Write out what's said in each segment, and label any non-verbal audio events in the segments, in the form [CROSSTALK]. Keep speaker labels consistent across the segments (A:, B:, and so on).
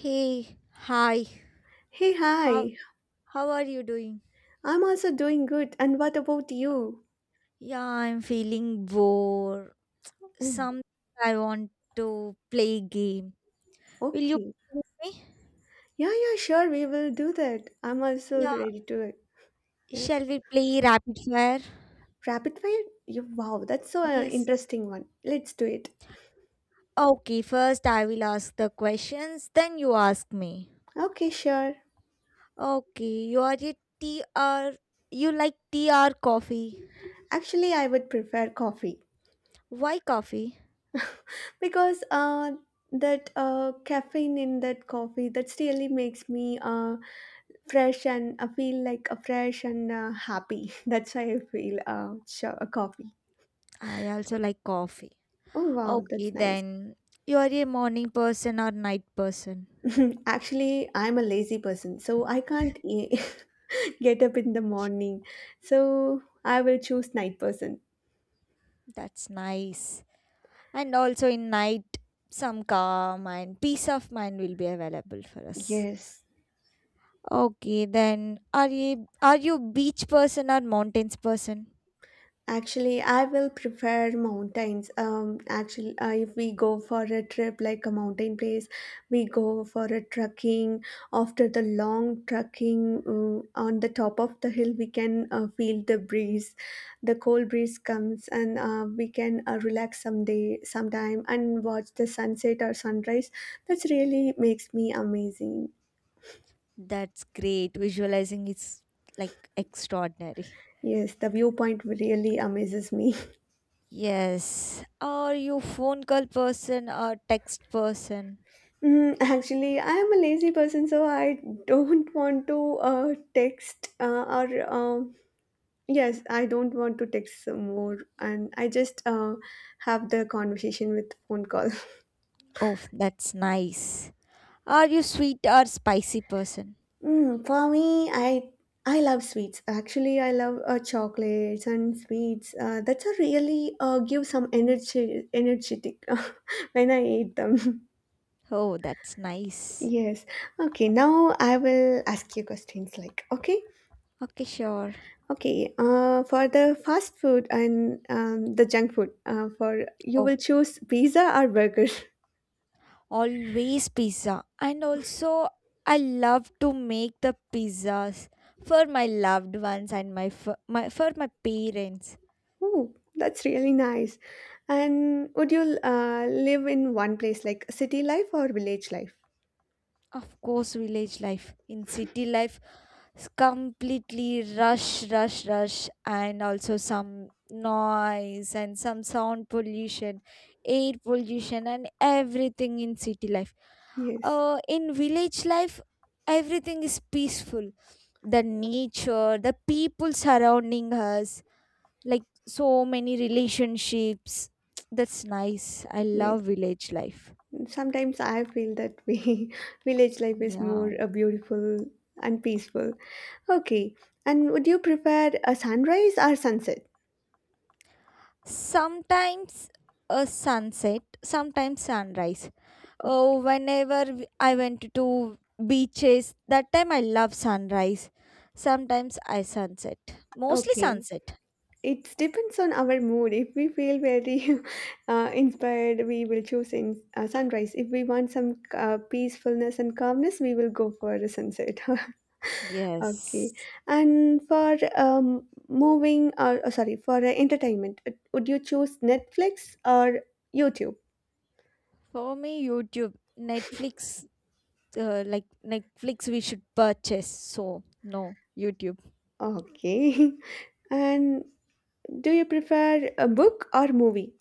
A: Hey, hi.
B: Hey,
A: How
B: hi.
A: how are you doing?
B: I'm also doing good. And what about you?
A: Yeah, I'm feeling bored.
B: Oh,
A: Some I want to play game. Will you play
B: okay.
A: with me?
B: Yeah, yeah, sure. We will do that. I'm also
A: Yeah,
B: ready to it. Yeah.
A: shall we play rapid fire?
B: Rapid fire? You, wow, that's so
A: Yes.
B: interesting one. Let's do it.
A: Okay, first I will ask the questions, then you ask me.
B: Okay, sure.
A: Okay, you are a TR. You like TR coffee.
B: Actually, I would prefer coffee
A: Why coffee?
B: because that caffeine in that coffee that really makes me fresh and I feel like a fresh and happy. [LAUGHS] That's why I feel sure, a coffee.
A: I also like coffee.
B: Oh wow,
A: Okay,
B: that's nice.
A: then you are a morning person or night person?
B: [LAUGHS] Actually, I'm a lazy person, so I can't e- [LAUGHS] get up in the morning. So I will choose night person.
A: That's nice. And also in night, some calm and peace of mind will be available for us.
B: Yes.
A: Okay, then are you beach person or mountains person?
B: Actually, I will prefer mountains. Actually, if we go for a trip like a mountain place, we go for a trekking. After the long trekking on the top of the hill, we can feel the breeze. The cold breeze comes, and we can relax someday, sometime, and watch the sunset or sunrise. That's really makes me amazing.
A: That's great. Visualizing is like extraordinary.
B: Yes, the viewpoint really amazes me. [LAUGHS]
A: Yes. Are you phone call person or text person?
B: Mm, actually, I am a lazy person, so I don't want to text or um yes, I don't want to text some more, and I just have the conversation with phone call. [LAUGHS]
A: Oh, that's nice. Are you sweet or spicy person?
B: Mm, for me, I love sweets. Actually, I love chocolates and sweets. That's a really give some energy energetic [LAUGHS] when I eat them.
A: Oh, that's
B: [LAUGHS]
A: nice.
B: yes. Okay. Now I will ask you questions like okay.
A: Okay, sure.
B: Okay, for the fast food and the junk food, for you
A: Oh,
B: will choose pizza or burger. [LAUGHS]
A: always pizza. And also, I love to make the pizzas for my loved ones and for my parents.
B: Oh, that's really nice. And would you live in one place, like city life or village life?
A: Of course, village life. In city life, it's completely rush, rush, rush, and also some noise and some sound pollution, air pollution, and everything in city life.
B: Yes,
A: In village life, everything is peaceful, the nature, the people surrounding us, like so many relationships. [TSK] That's nice. I
B: yes.
A: love village life.
B: Sometimes I feel that way. [LAUGHS] Village life is more
A: Yeah.
B: beautiful and peaceful. Okay, and would you prefer a sunrise or sunset?
A: Sometimes a sunset, sometimes sunrise.
B: O-
A: Oh, whenever I went to beaches, that time I love sunrise. Sometimes I sunset. Mostly
B: Okay,
A: sunset.
B: it depends on our mood. If we feel very [LAUGHS] inspired, we will choose in sunrise. If we want some peacefulness and calmness, we will go for a sunset. [LAUGHS] okay.
A: Yes.
B: And for moving, or oh, sorry, for entertainment, would you choose Netflix or YouTube?
A: For me, YouTube, Netflix, like Netflix we should purchase. So no, YouTube.
B: Okay. [LAUGHS] and do you prefer a book or movie?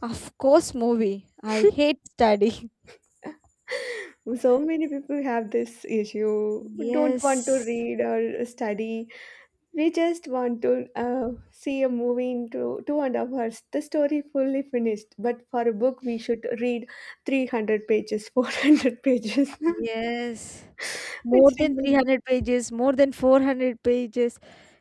A: Of course, movie. I hate studying. [LAUGHS]
B: So many people have this issue. Don't want to
A: Yes.
B: read or study. We just want to see a movie in two, 2.5 hours. The story fully finished, but for a book, we should read 300 pages, 400 pages. [LAUGHS]
A: Yes. More
B: it's
A: than
B: really,
A: 300 pages, more than 400 pages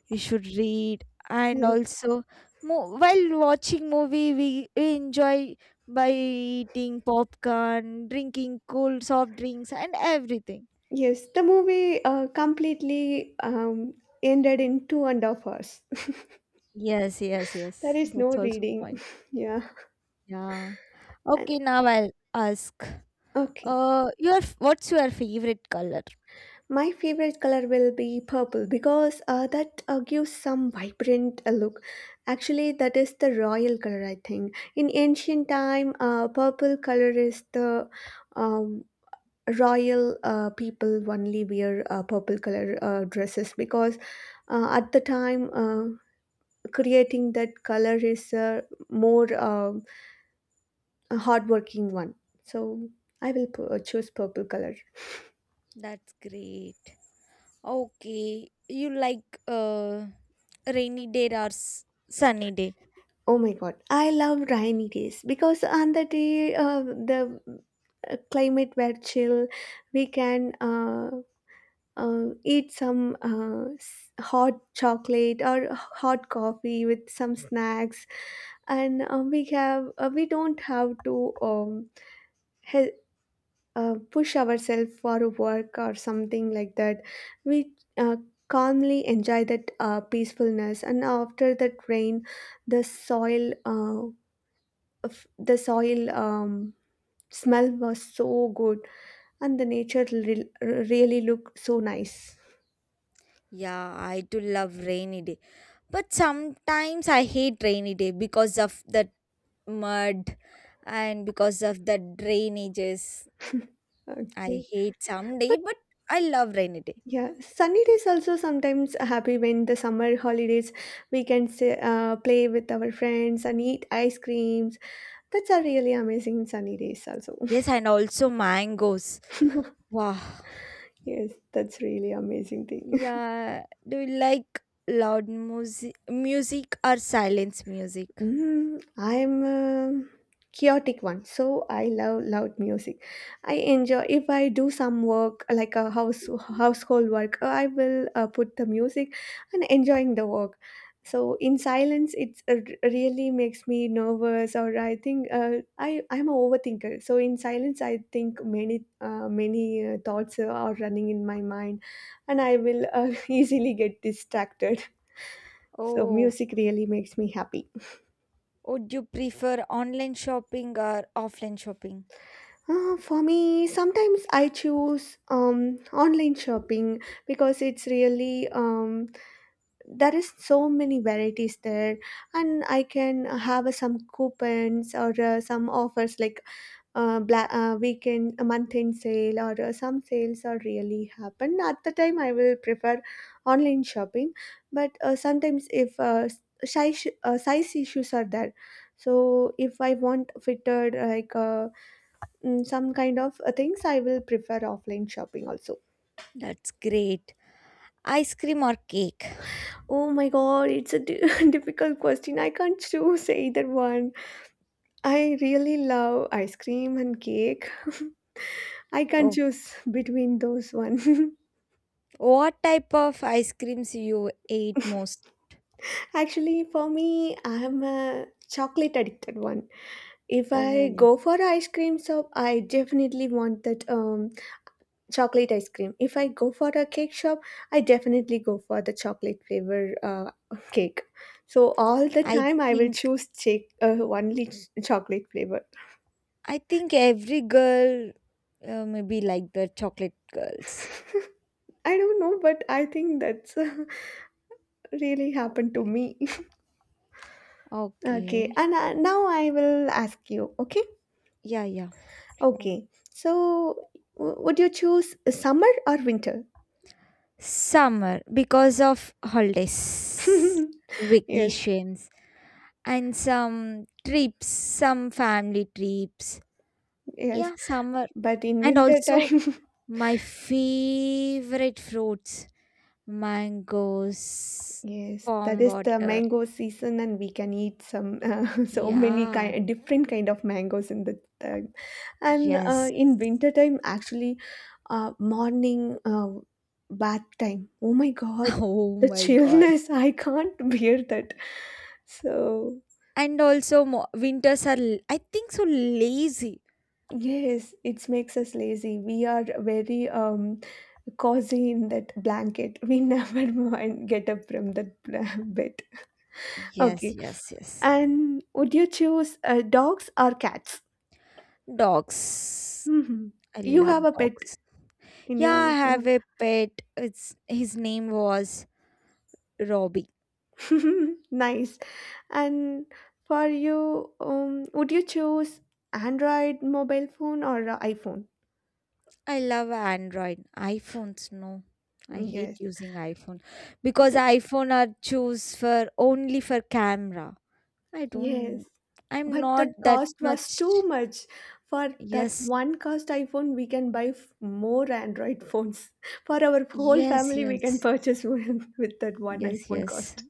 A: we should read, and
B: yes.
A: also while watching movie, we enjoy by eating popcorn, drinking cold soft drinks and everything.
B: Yes, the movie completely ended in 2.5 hours.
A: Yes, yes,
B: [LAUGHS] There
A: yes.
B: is no
A: That's also
B: reading.
A: point.
B: [LAUGHS] yeah.
A: Yeah.
B: And,
A: Okay, now I'll ask.
B: okay.
A: Your what's your favorite color?
B: My favorite color will be purple because that gives some vibrant look. Actually, that is the royal color, I think. In ancient time, purple color is the um, royal people only wear purple color dresses because at the time, creating that color is a more a hardworking one. So choose purple color.
A: That's great. Okay, you like rainy day or sunny day?
B: Oh my god, I love rainy days because on the day the climate were chill, we can eat some hot chocolate or hot coffee with some snacks, and we have we don't have to he- push ourselves for work or something like that. We calmly enjoy that peacefulness, and after that rain, the soil. The soil smell was so good and the nature really looked so nice.
A: Yeah, I do love rainy day. But sometimes I hate rainy day because of the mud and because of the drainages.
B: [LAUGHS]
A: I
B: okay.
A: hate some day, but I love rainy day.
B: Yeah, sunny days also sometimes happy when the summer holidays we can say, play with our friends and eat ice creams. That's a really amazing sunny days also.
A: Yes, and also mangoes.
B: [LAUGHS]
A: Wow.
B: Yes, that's really amazing thing.
A: Yeah. Do you like loud music or silence music?
B: Mm, I'm a chaotic one, so I love loud music. I enjoy if I do some work like a household work, I will put the music and enjoying the work. So in silence, really makes me nervous, or I think I'm a overthinker. So in silence, I think many thoughts are running in my mind, and I will [LAUGHS] easily get distracted. So
A: Oh,
B: music really makes me happy.
A: would you prefer online shopping or offline shopping?
B: For me, sometimes I choose online shopping because it's really there is so many varieties there, and I can have some coupons or some offers like weekend month end sale or some sales are really happen. At the time, I will prefer online shopping, but sometimes if size issues are there, so if I want fitted like. Some kind of things I will prefer offline shopping also.
A: That's great. Ice cream or cake?
B: Oh my god, [LAUGHS] difficult question. I can't [LAUGHS] choose either one. I really love ice cream and cake. [LAUGHS] I can't
A: Oh,
B: choose between those one. [LAUGHS]
A: what type of ice creams you ate most?
B: Actually, for me, I'm a chocolate addicted one. If I
A: Oh,
B: go for ice cream shop, I definitely want that chocolate ice cream. If I go for a cake shop, I definitely go for the chocolate flavor [LAUGHS] cake. So all the
A: I
B: time I will
A: think
B: choose cake chocolate flavor.
A: I think every girl, maybe like the chocolate girls.
B: I don't know, but I think that's [LAUGHS] really happened to me. [LAUGHS] Okay,
A: Okay.
B: and now I will ask you. Okay,
A: Yeah, yeah. Sure.
B: okay. So would you choose summer or winter?
A: Summer because of holidays,
B: [LAUGHS] yes,
A: vacations, and some trips, some family trips.
B: yes.
A: Yeah, summer.
B: But in
A: And
B: winter
A: also
B: time. [LAUGHS]
A: my favorite fruits, mangoes,
B: Yes, that
A: palm
B: is the
A: water.
B: mango season, and we can eat some [LAUGHS] so many
A: Yeah.
B: kind different kind of mangoes in the time. And
A: Yes.
B: in
A: [LAUGHS]
B: winter time, actually, morning bath time. Oh my God,
A: Oh
B: the
A: my God.
B: chillness! [LAUGHS] I can't bear that. So
A: And also winters are I think so lazy.
B: yes, it makes us lazy. We are very cozy in that blanket. We [LAUGHS] never mind get up from that bed.
A: Yes,
B: Okay.
A: yes, yes.
B: And would you choose dogs or cats?
A: Dogs.
B: Mhm.
A: I
B: You
A: love
B: have a pet
A: dogs.
B: in
A: Yeah,
B: your
A: I have a pet. It's his name was Robbie.
B: [LAUGHS] nice. And for you, would you choose Android mobile phone or iPhone?
A: I love Android. iPhones, no. I hate
B: Yes.
A: using iPhone because
B: Th-
A: iPhone are choose for only for camera. I
B: yes.
A: don't I'm
B: But
A: not
B: the
A: that
B: cost was too
A: much.
B: much. For that
A: Yes.
B: one cost iPhone, we can buy f- more Android phones. [LAUGHS] For our whole
A: Yes,
B: family, we
A: yes.
B: can purchase one [LAUGHS] with that one
A: Yes,
B: iPhone
A: yes.
B: cost.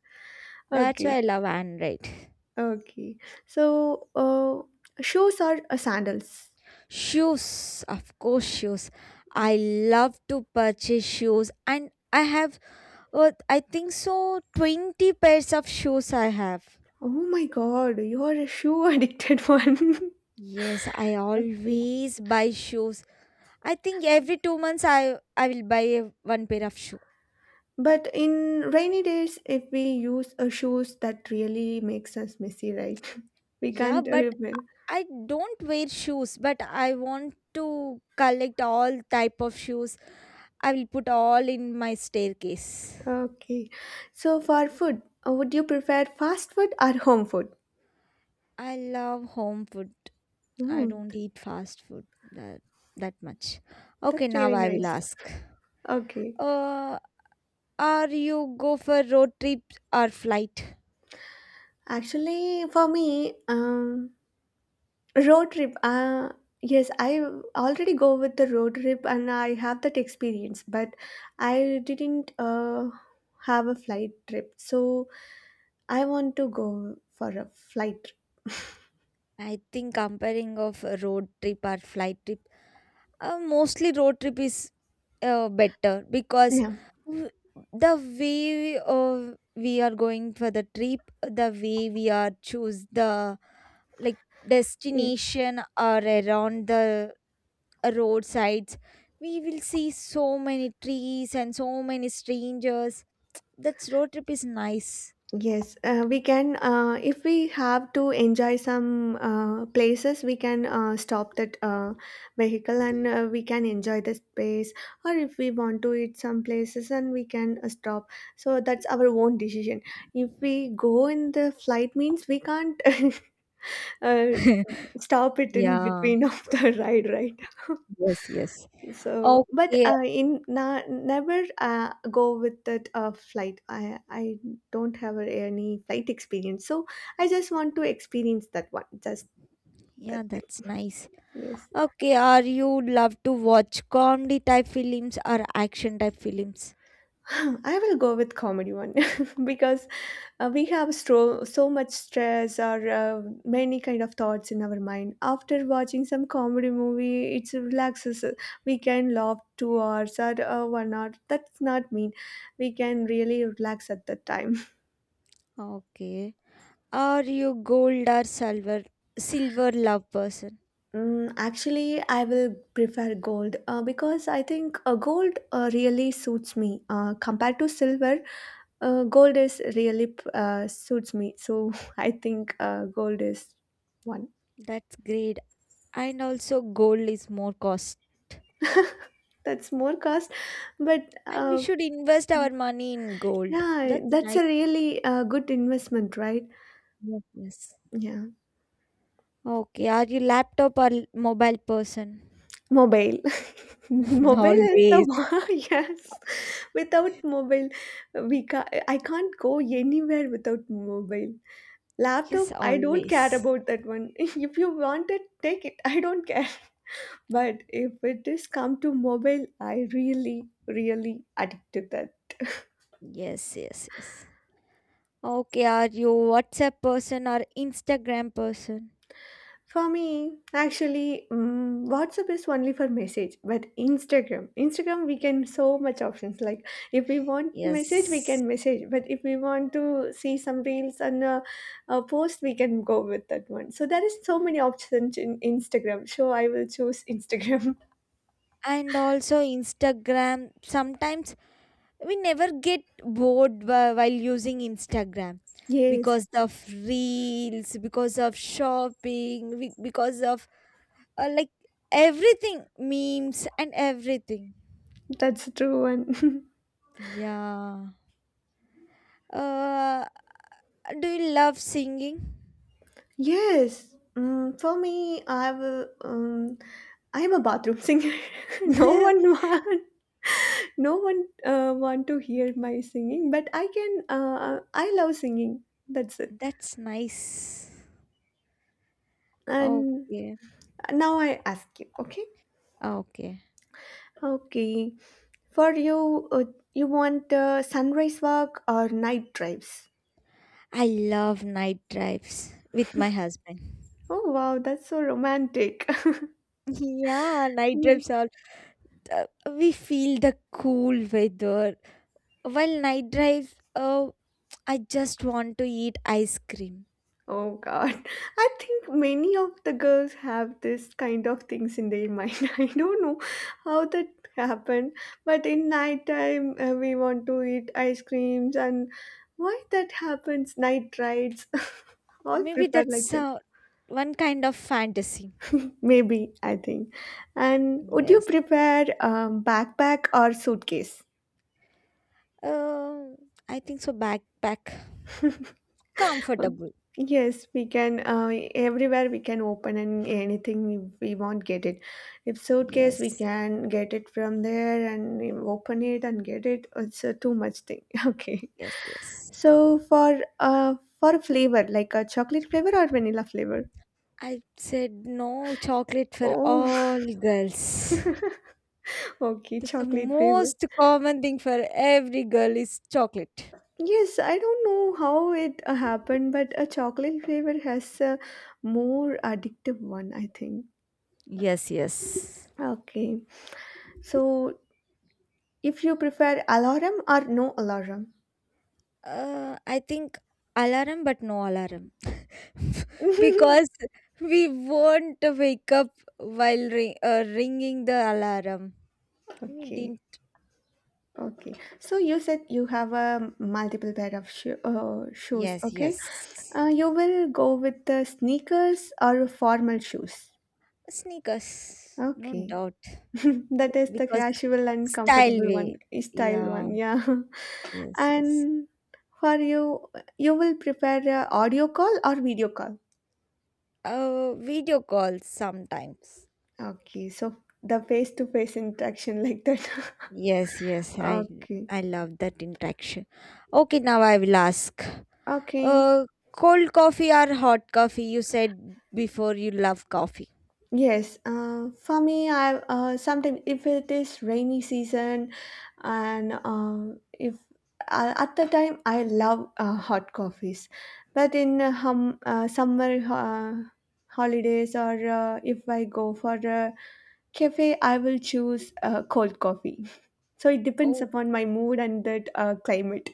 A: That's why
B: Okay.
A: I love Android.
B: Okay. So, shoes or sandals?
A: Shoes, of course shoes. I love to purchase shoes and I have oh, I think so. 20 pairs of shoes I have.
B: Oh my God, you are a shoe addicted [LAUGHS] one.
A: Yes, I
B: Okay.
A: always buy shoes. I think every 2 months I will buy one pair of shoe.
B: But in rainy days, if we use shoes, that really makes us messy, right? [LAUGHS] We
A: Yeah,
B: can't.
A: but
B: Remember.
A: I don't wear shoes, but I want to collect all type of shoes. I will put all in my staircase.
B: Okay. So, for food, would you prefer fast food or home food?
A: I love home food. I
B: Mm,
A: don't
B: th-
A: eat fast food that that much. Okay,
B: that's
A: now
B: really
A: I will
B: nice.
A: ask.
B: Okay.
A: Uh, are you go for road trip or flight?
B: Actually, for me, road trip. Yes, I already go with the road trip and I have that experience, but I didn't have a flight trip. So I want to go for a flight trip.
A: I think comparing of a road trip or flight trip, mostly road trip is, better because
B: Yeah.
A: w- the way, we are going for the trip, the way we are choose the, like,
B: Yes.
A: destination or around the roadsides, we will see so many trees and so many strangers. That's road trip is nice.
B: Yes, we can. If we have to enjoy some places, we can stop that vehicle and we can enjoy the space. Or if we want to eat some places, and we can stop. So that's our own decision. If we go in the flight, means we can't [LAUGHS] uh,
A: [LAUGHS]
B: stop it in
A: yeah.
B: between of the [LAUGHS] ride, right?
A: Yes. Yes.
B: So but
A: Okay.
B: never go with that flight. I don't have any flight experience, so I just want to experience that one, just that
A: Yeah,
B: thing.
A: that's nice.
B: Yes.
A: Okay, are you love to watch comedy type films or action type films?
B: [LAUGHS] [SIGHS] I will go with comedy one [LAUGHS] because so much stress or many kind of thoughts in our mind. After watching some comedy movie, it relaxes. We can laugh 2 hours or 1 hour. That's not mean we can really relax at that time.
A: Okay. Are you gold or silver love person?
B: Mm, actually, I will prefer gold because I think gold really suits me. Compared to silver, gold is really suits me. So [LAUGHS] I think gold is one.
A: That's great. And also gold is more cost.
B: [LAUGHS] That's more cost, but
A: And we should invest our
B: yeah,
A: money in gold.
B: yeah,
A: That's
B: that's
A: nice.
B: a really good investment, right?
A: Yes.
B: Yeah,
A: Okay, are you laptop or mobile person?
B: mobile. [LAUGHS]
A: [LAUGHS]
B: Mobile is the
A: Always.
B: one. [LAUGHS] Yes, without mobile, we ca I can't go anywhere without mobile. Laptop,
A: Yes,
B: I don't care
A: always.
B: about that one. [LAUGHS] If you want it, take it. I don't care. [LAUGHS] But if it is come to mobile, I really, really addict to that.
A: Yes, yes, yes. Okay, are you WhatsApp person or Instagram person?
B: For me, actually, WhatsApp is only for message, but Instagram, we can so much options. Like if we want message, we
A: Yes.
B: can message. But if we want to see some reels and a post, we can go with that one. So there is so many options in Instagram. So I will choose Instagram. [LAUGHS]
A: And also Instagram. Sometimes we never get bored while using Instagram
B: Yes,
A: because of reels, because of shopping, because of, like, everything, memes and everything.
B: that's true. And
A: Yeah. Uh, do you love singing?
B: [LAUGHS] yes. Mm, for me, I will. I am a bathroom singer. [LAUGHS]
A: [LAUGHS]
B: no one want, no one want to hear my singing, but I can. I love singing. That's it.
A: That's nice.
B: And
A: Okay.
B: now I ask you. Okay.
A: Okay.
B: Okay. For you, you want sunrise walk or night drives?
A: I love night drives with my husband.
B: Oh wow, that's so romantic.
A: Yeah,
B: [LAUGHS]
A: night
B: Yes.
A: drives are uh, we feel the cool weather. While night drives, I just want to eat ice cream.
B: Oh God. [LAUGHS] I think many of the girls have this kind of things in their mind. [LAUGHS] I don't know how that happened, but in night time we want to eat ice creams and why that happens? Night rides. [LAUGHS] All
A: Maybe
B: prefer like
A: that's,
B: that.
A: one kind of fantasy.
B: Maybe, I think. And would you
A: Yes.
B: prefer backpack or suitcase?
A: Um, I think so. Backpack,
B: Uh,
A: comfortable.
B: Yes, we can. Everywhere we can open and anything we want get it. If suitcase, we
A: Yes.
B: can get it from there and we open it and get it. It's a too much thing. [LAUGHS] Okay.
A: Yes. Yes.
B: So for uh for flavor, like a chocolate flavor or vanilla flavor?
A: I said no chocolate for
B: Oh,
A: all girls.
B: [LAUGHS] okay,
A: That's the
B: chocolate flavor.
A: most common thing for every girl is chocolate.
B: Yes, I don't know how it happened, but a chocolate flavor has a more addictive one, I think.
A: Yes, yes.
B: Okay. So if you prefer alarm or no alarm?
A: I think alarm, but no alarm, [LAUGHS] because
B: [LAUGHS]
A: we won't wake up while ringing the alarm. We
B: Okay,
A: didn't.
B: okay. So you said you have a multiple pair of shoes,
A: Yes,
B: okay?
A: yes.
B: You will go with the sneakers or formal shoes.
A: Sneakers, no
B: Okay.
A: doubt,
B: [LAUGHS] That is the
A: because
B: casual and
A: style
B: comfortable one,
A: way.
B: style
A: Yeah.
B: one, yeah. [LAUGHS]
A: Yes. Yes.
B: And for you, you will prefer audio call or video call?
A: Video calls sometimes.
B: Okay, so the face-to-face interaction like that. [LAUGHS]
A: Yes, yes, I
B: Okay.
A: I love that interaction. Okay, now I will ask.
B: Okay.
A: Uh, cold coffee or hot coffee? You said before you love coffee.
B: Yes, for me, I sometimes if it is rainy season, and if at the time I love hot coffees, but in summer holidays or if I go for a cafe, I will choose cold coffee. [LAUGHS] So it depends
A: Oh,
B: upon my mood and that climate.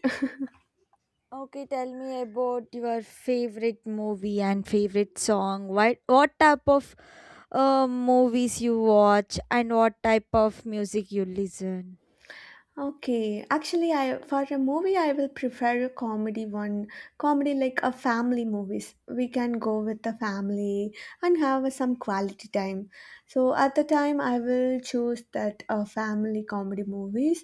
A: okay, tell me about your favorite movie and favorite song. What type of, movies you watch, and what type of music you listen?
B: Okay, actually, I for a movie I will prefer a comedy one. Comedy like a family movies. We can go with the family and have some quality time. So at the time, I will choose that family comedy movies,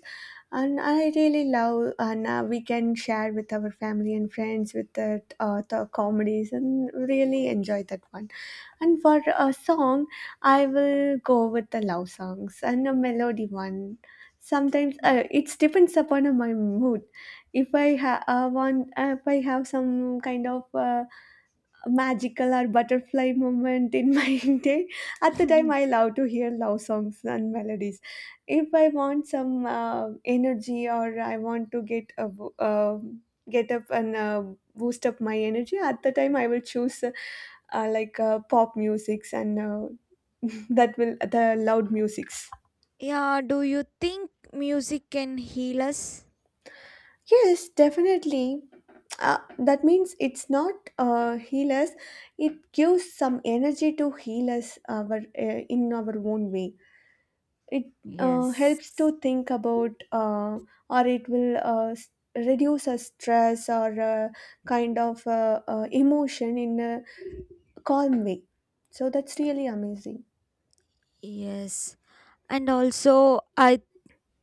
B: and I really love and we can share with our family and friends with that the comedies and really enjoy that one. And for a song, I will go with the love songs and a melody one. Sometimes
A: Oh.
B: it depends upon my mood. If I have some kind of magical or butterfly moment in my [LAUGHS] day. At the time, I
A: [LAUGHS]
B: love to hear love songs and melodies. If I want some energy or I want to get up and boost up my energy, at the time I will choose like pop musics and [LAUGHS] that will the loud musics.
A: Yeah, do you think music can heal us?
B: Yes, definitely. That means it's not heal us. It gives some energy to heal us our, in our own way. It helps
A: Yes.
B: to think about, or it will s- reduce our stress or emotion in a calm way. So that's really amazing.
A: Yes. And also, I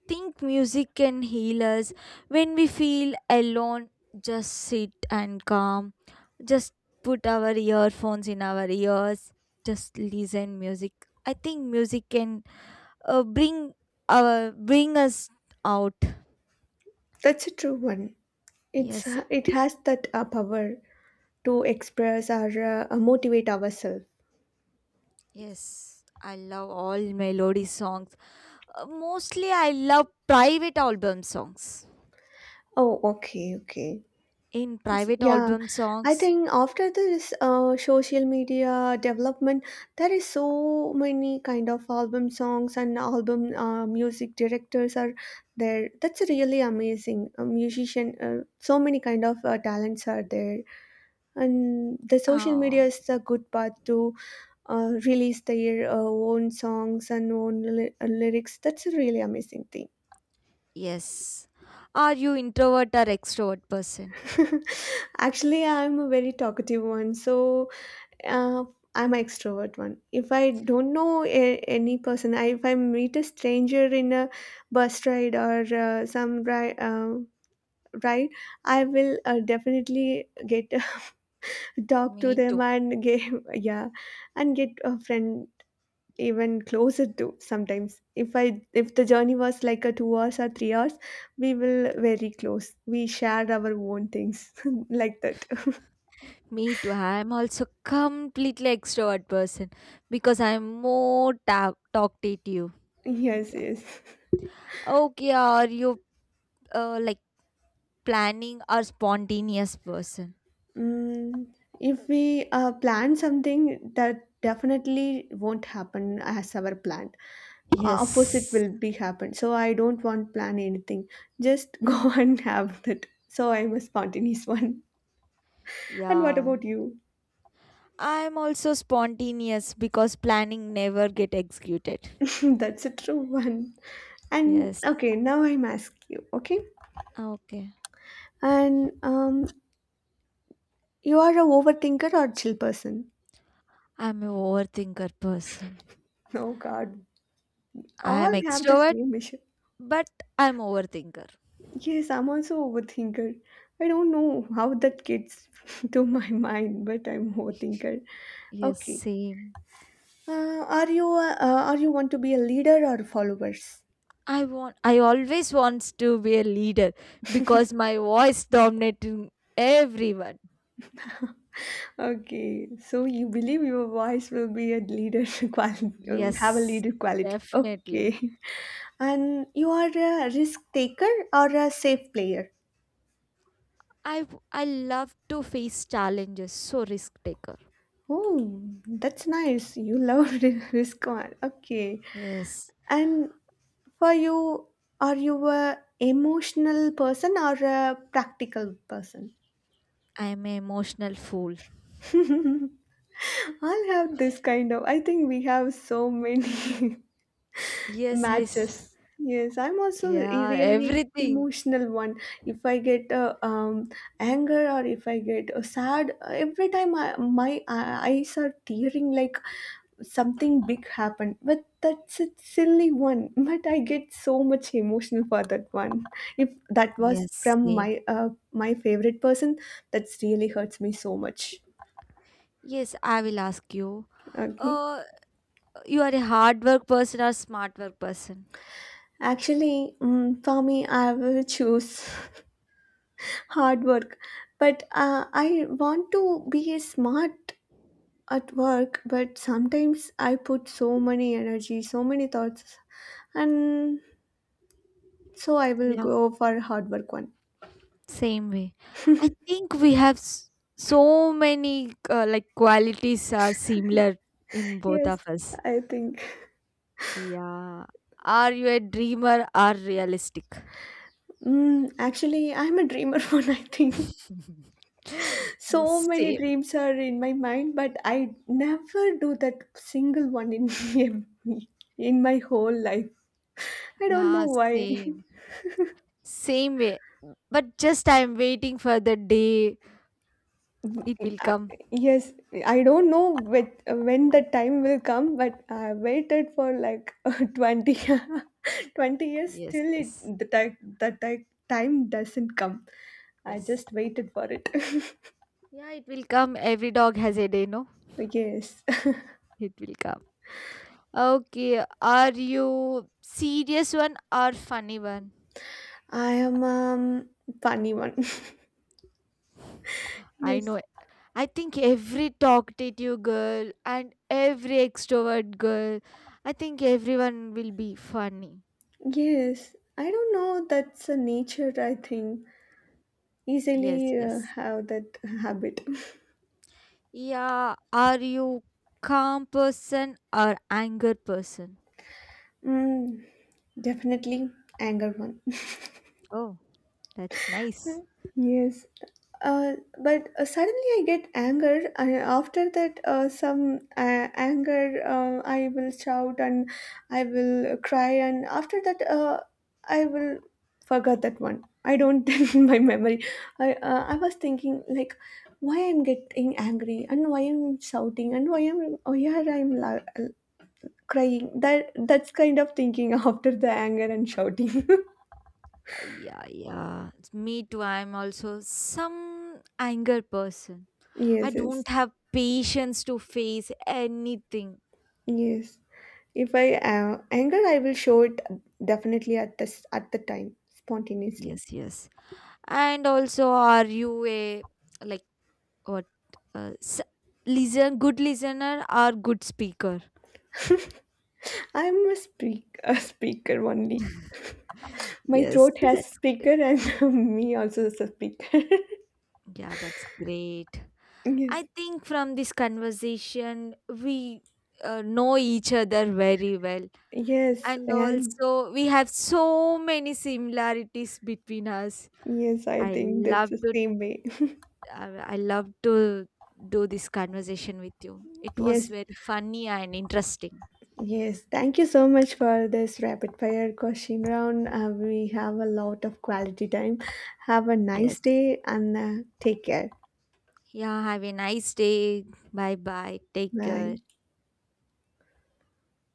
A: think music can heal us when we feel alone. Just sit and calm. Just put our earphones in our ears. Just listen music. I think music can, uh, bring bring us out.
B: That's a true one. It's
A: Yes.
B: it has that power to express or motivate ourselves.
A: Yes. I love all melody songs. Mostly, I love private album songs.
B: Oh, okay, okay.
A: In private
B: Yeah,
A: album
B: I
A: songs,
B: think after this social media development, there is so many kind of album songs and album music directors are there. That's really amazing. A musician, so many kind of talents are there, and the social media
A: oh.
B: is a good path to release their own songs and lyrics. That's a really amazing thing.
A: Yes. Are you introvert or extrovert person?
B: [LAUGHS] Actually, I'm a very talkative one, so uh, I'm an extrovert one. If I don't know a- any person, I, If I meet a stranger in a bus ride or ride, I will definitely get [LAUGHS] talk to
A: Me
B: them
A: too.
B: and [LAUGHS] get yeah, and get a friend even closer to sometimes. If the journey was like a 2 hours or 3 hours, we will very close. We share our own things [LAUGHS] like that. [LAUGHS]
A: Me too. I am also completely extrovert person because I am more talkative.
B: Yes,
A: Yeah.
B: yes.
A: Okay, are you, like, planning or spontaneous person?
B: Mm, if we plan something, that definitely won't happen as our plan. Opposite
A: Yes.
B: will be happen. So I don't want plan anything. Just [LAUGHS] go and have that. So I'm a spontaneous one. And what
A: Yeah.
B: about you?
A: I'm also spontaneous because planning never get executed.
B: [LAUGHS] That's a true one. And
A: Yes.
B: okay, now I'm asking you. Okay,
A: Okay.
B: and you are a overthinker or chill person?
A: I'm a overthinker person.
B: Oh God, all
A: I'm
B: have the
A: extrovert,
B: same issue.
A: but I'm overthinker.
B: Yes, I'm also overthinker. I don't know how that gets [LAUGHS] to my mind, but I'm overthinker.
A: Yes,
B: Okay.
A: same.
B: Are you want to be a leader or followers?
A: I always wants to be a leader because my voice dominating everyone.
B: Okay, so you believe your voice will be a leader [LAUGHS] quality, have a
A: Yes,
B: leader quality.
A: definitely.
B: Okay. [LAUGHS] And you are a risk taker or a safe player?
A: I love to face challenges, so risk taker.
B: Oh, that's nice. You love [LAUGHS] risk one. Okay.
A: Yes,
B: And for you, are you a emotional person or a practical person?
A: I'm an emotional fool.
B: [LAUGHS] I'll have this kind of. I think we have so many [LAUGHS]
A: Yes, yes.
B: matches. Yes, I'm also a
A: Yeah,
B: really
A: everything.
B: emotional one. If I get anger or if I get sad, every time my eyes are tearing like something big happened, but that's a silly one [LAUGHS] but I get so much emotional for that one if that was
A: Yes,
B: from
A: same.
B: my my favorite person, that's really hurts me so much.
A: Yes, I will ask you.
B: Okay,
A: Uh, you are a hard work person or smart work person?
B: actually, mm, for me I will choose [LAUGHS] hard work, but I want to be smart at work, but sometimes I put so many energy, so many thoughts, and so I will
A: Yeah.
B: go for hard work one.
A: Same way. I think we have so many, like, qualities are similar in both
B: Yes,
A: of us.
B: I think.
A: Yeah. Are you a dreamer or realistic?
B: Mm, actually, I'm a dreamer [LAUGHS] one, I think.
A: [LAUGHS]
B: So
A: yes,
B: many
A: same.
B: dreams are in my mind, but I never do that single one in [LAUGHS] in my whole life. I don't know
A: Yeah,
B: why.
A: same.
B: [LAUGHS]
A: Same way. But just I'm waiting for the day it will
B: Uh,
A: come.
B: yes, I don't know with, when the time will come, but I waited for like [LAUGHS] 20, year- [LAUGHS] 20 years
A: Yes,
B: till
A: yes,
B: it the, time the ti- time doesn't come. I
A: yes.
B: just waited for it. [LAUGHS]
A: Yeah, it will come. Every dog has a day, no?
B: Yes. [LAUGHS]
A: It will come. Okay. Are you serious one or funny one?
B: I am funny one. [LAUGHS]
A: I
B: yes.
A: know. I think every talkative girl and every extrovert girl, I think everyone will be funny.
B: Yes. I don't know. That's a nature. I think
A: Yes,
B: easily
A: yes.
B: have that habit.
A: Yeah, are you calm person or anger person?
B: [LAUGHS] Mm, definitely anger one.
A: Oh, that's nice.
B: Yes, but suddenly I get anger, and after that, some anger, I will shout and I will cry, and after that, I will forget that one. I don't [LAUGHS] in my memory. I was thinking like, why I'm getting angry and why I'm shouting and why I'm oh yeah crying. That's kind of thinking [LAUGHS] after the anger and shouting.
A: Yeah yeah. It's Me too. I'm also some anger person.
B: [LAUGHS]
A: I
B: Yes, yes.
A: don't have patience to face anything.
B: Yes. If I anger, I will show it definitely at the time spontaneously.
A: Yes, yes. And also, are you a like what s- listen good listener or good speaker?
B: I'm a speak a speaker only.
A: [LAUGHS]
B: My
A: yes,
B: throat has
A: that's great.
B: speaker and [LAUGHS] me also is a speaker. [LAUGHS]
A: Yeah, that's great. I
B: Yes.
A: think from this conversation we, know each other very well,
B: Yes,
A: and
B: and
A: also we have so many similarities between us.
B: yes, I
A: i
B: think that's
A: love
B: the
A: to
B: same way. [LAUGHS]
A: i I love to do this conversation with you. It
B: Yes,
A: was very funny and interesting.
B: yes. Thank you so much for this rapid fire question round. We have a lot of quality time. Have a nice
A: Yes.
B: day and take care.
A: Yeah, have a nice day. Bye bye. Take care.
B: Bye.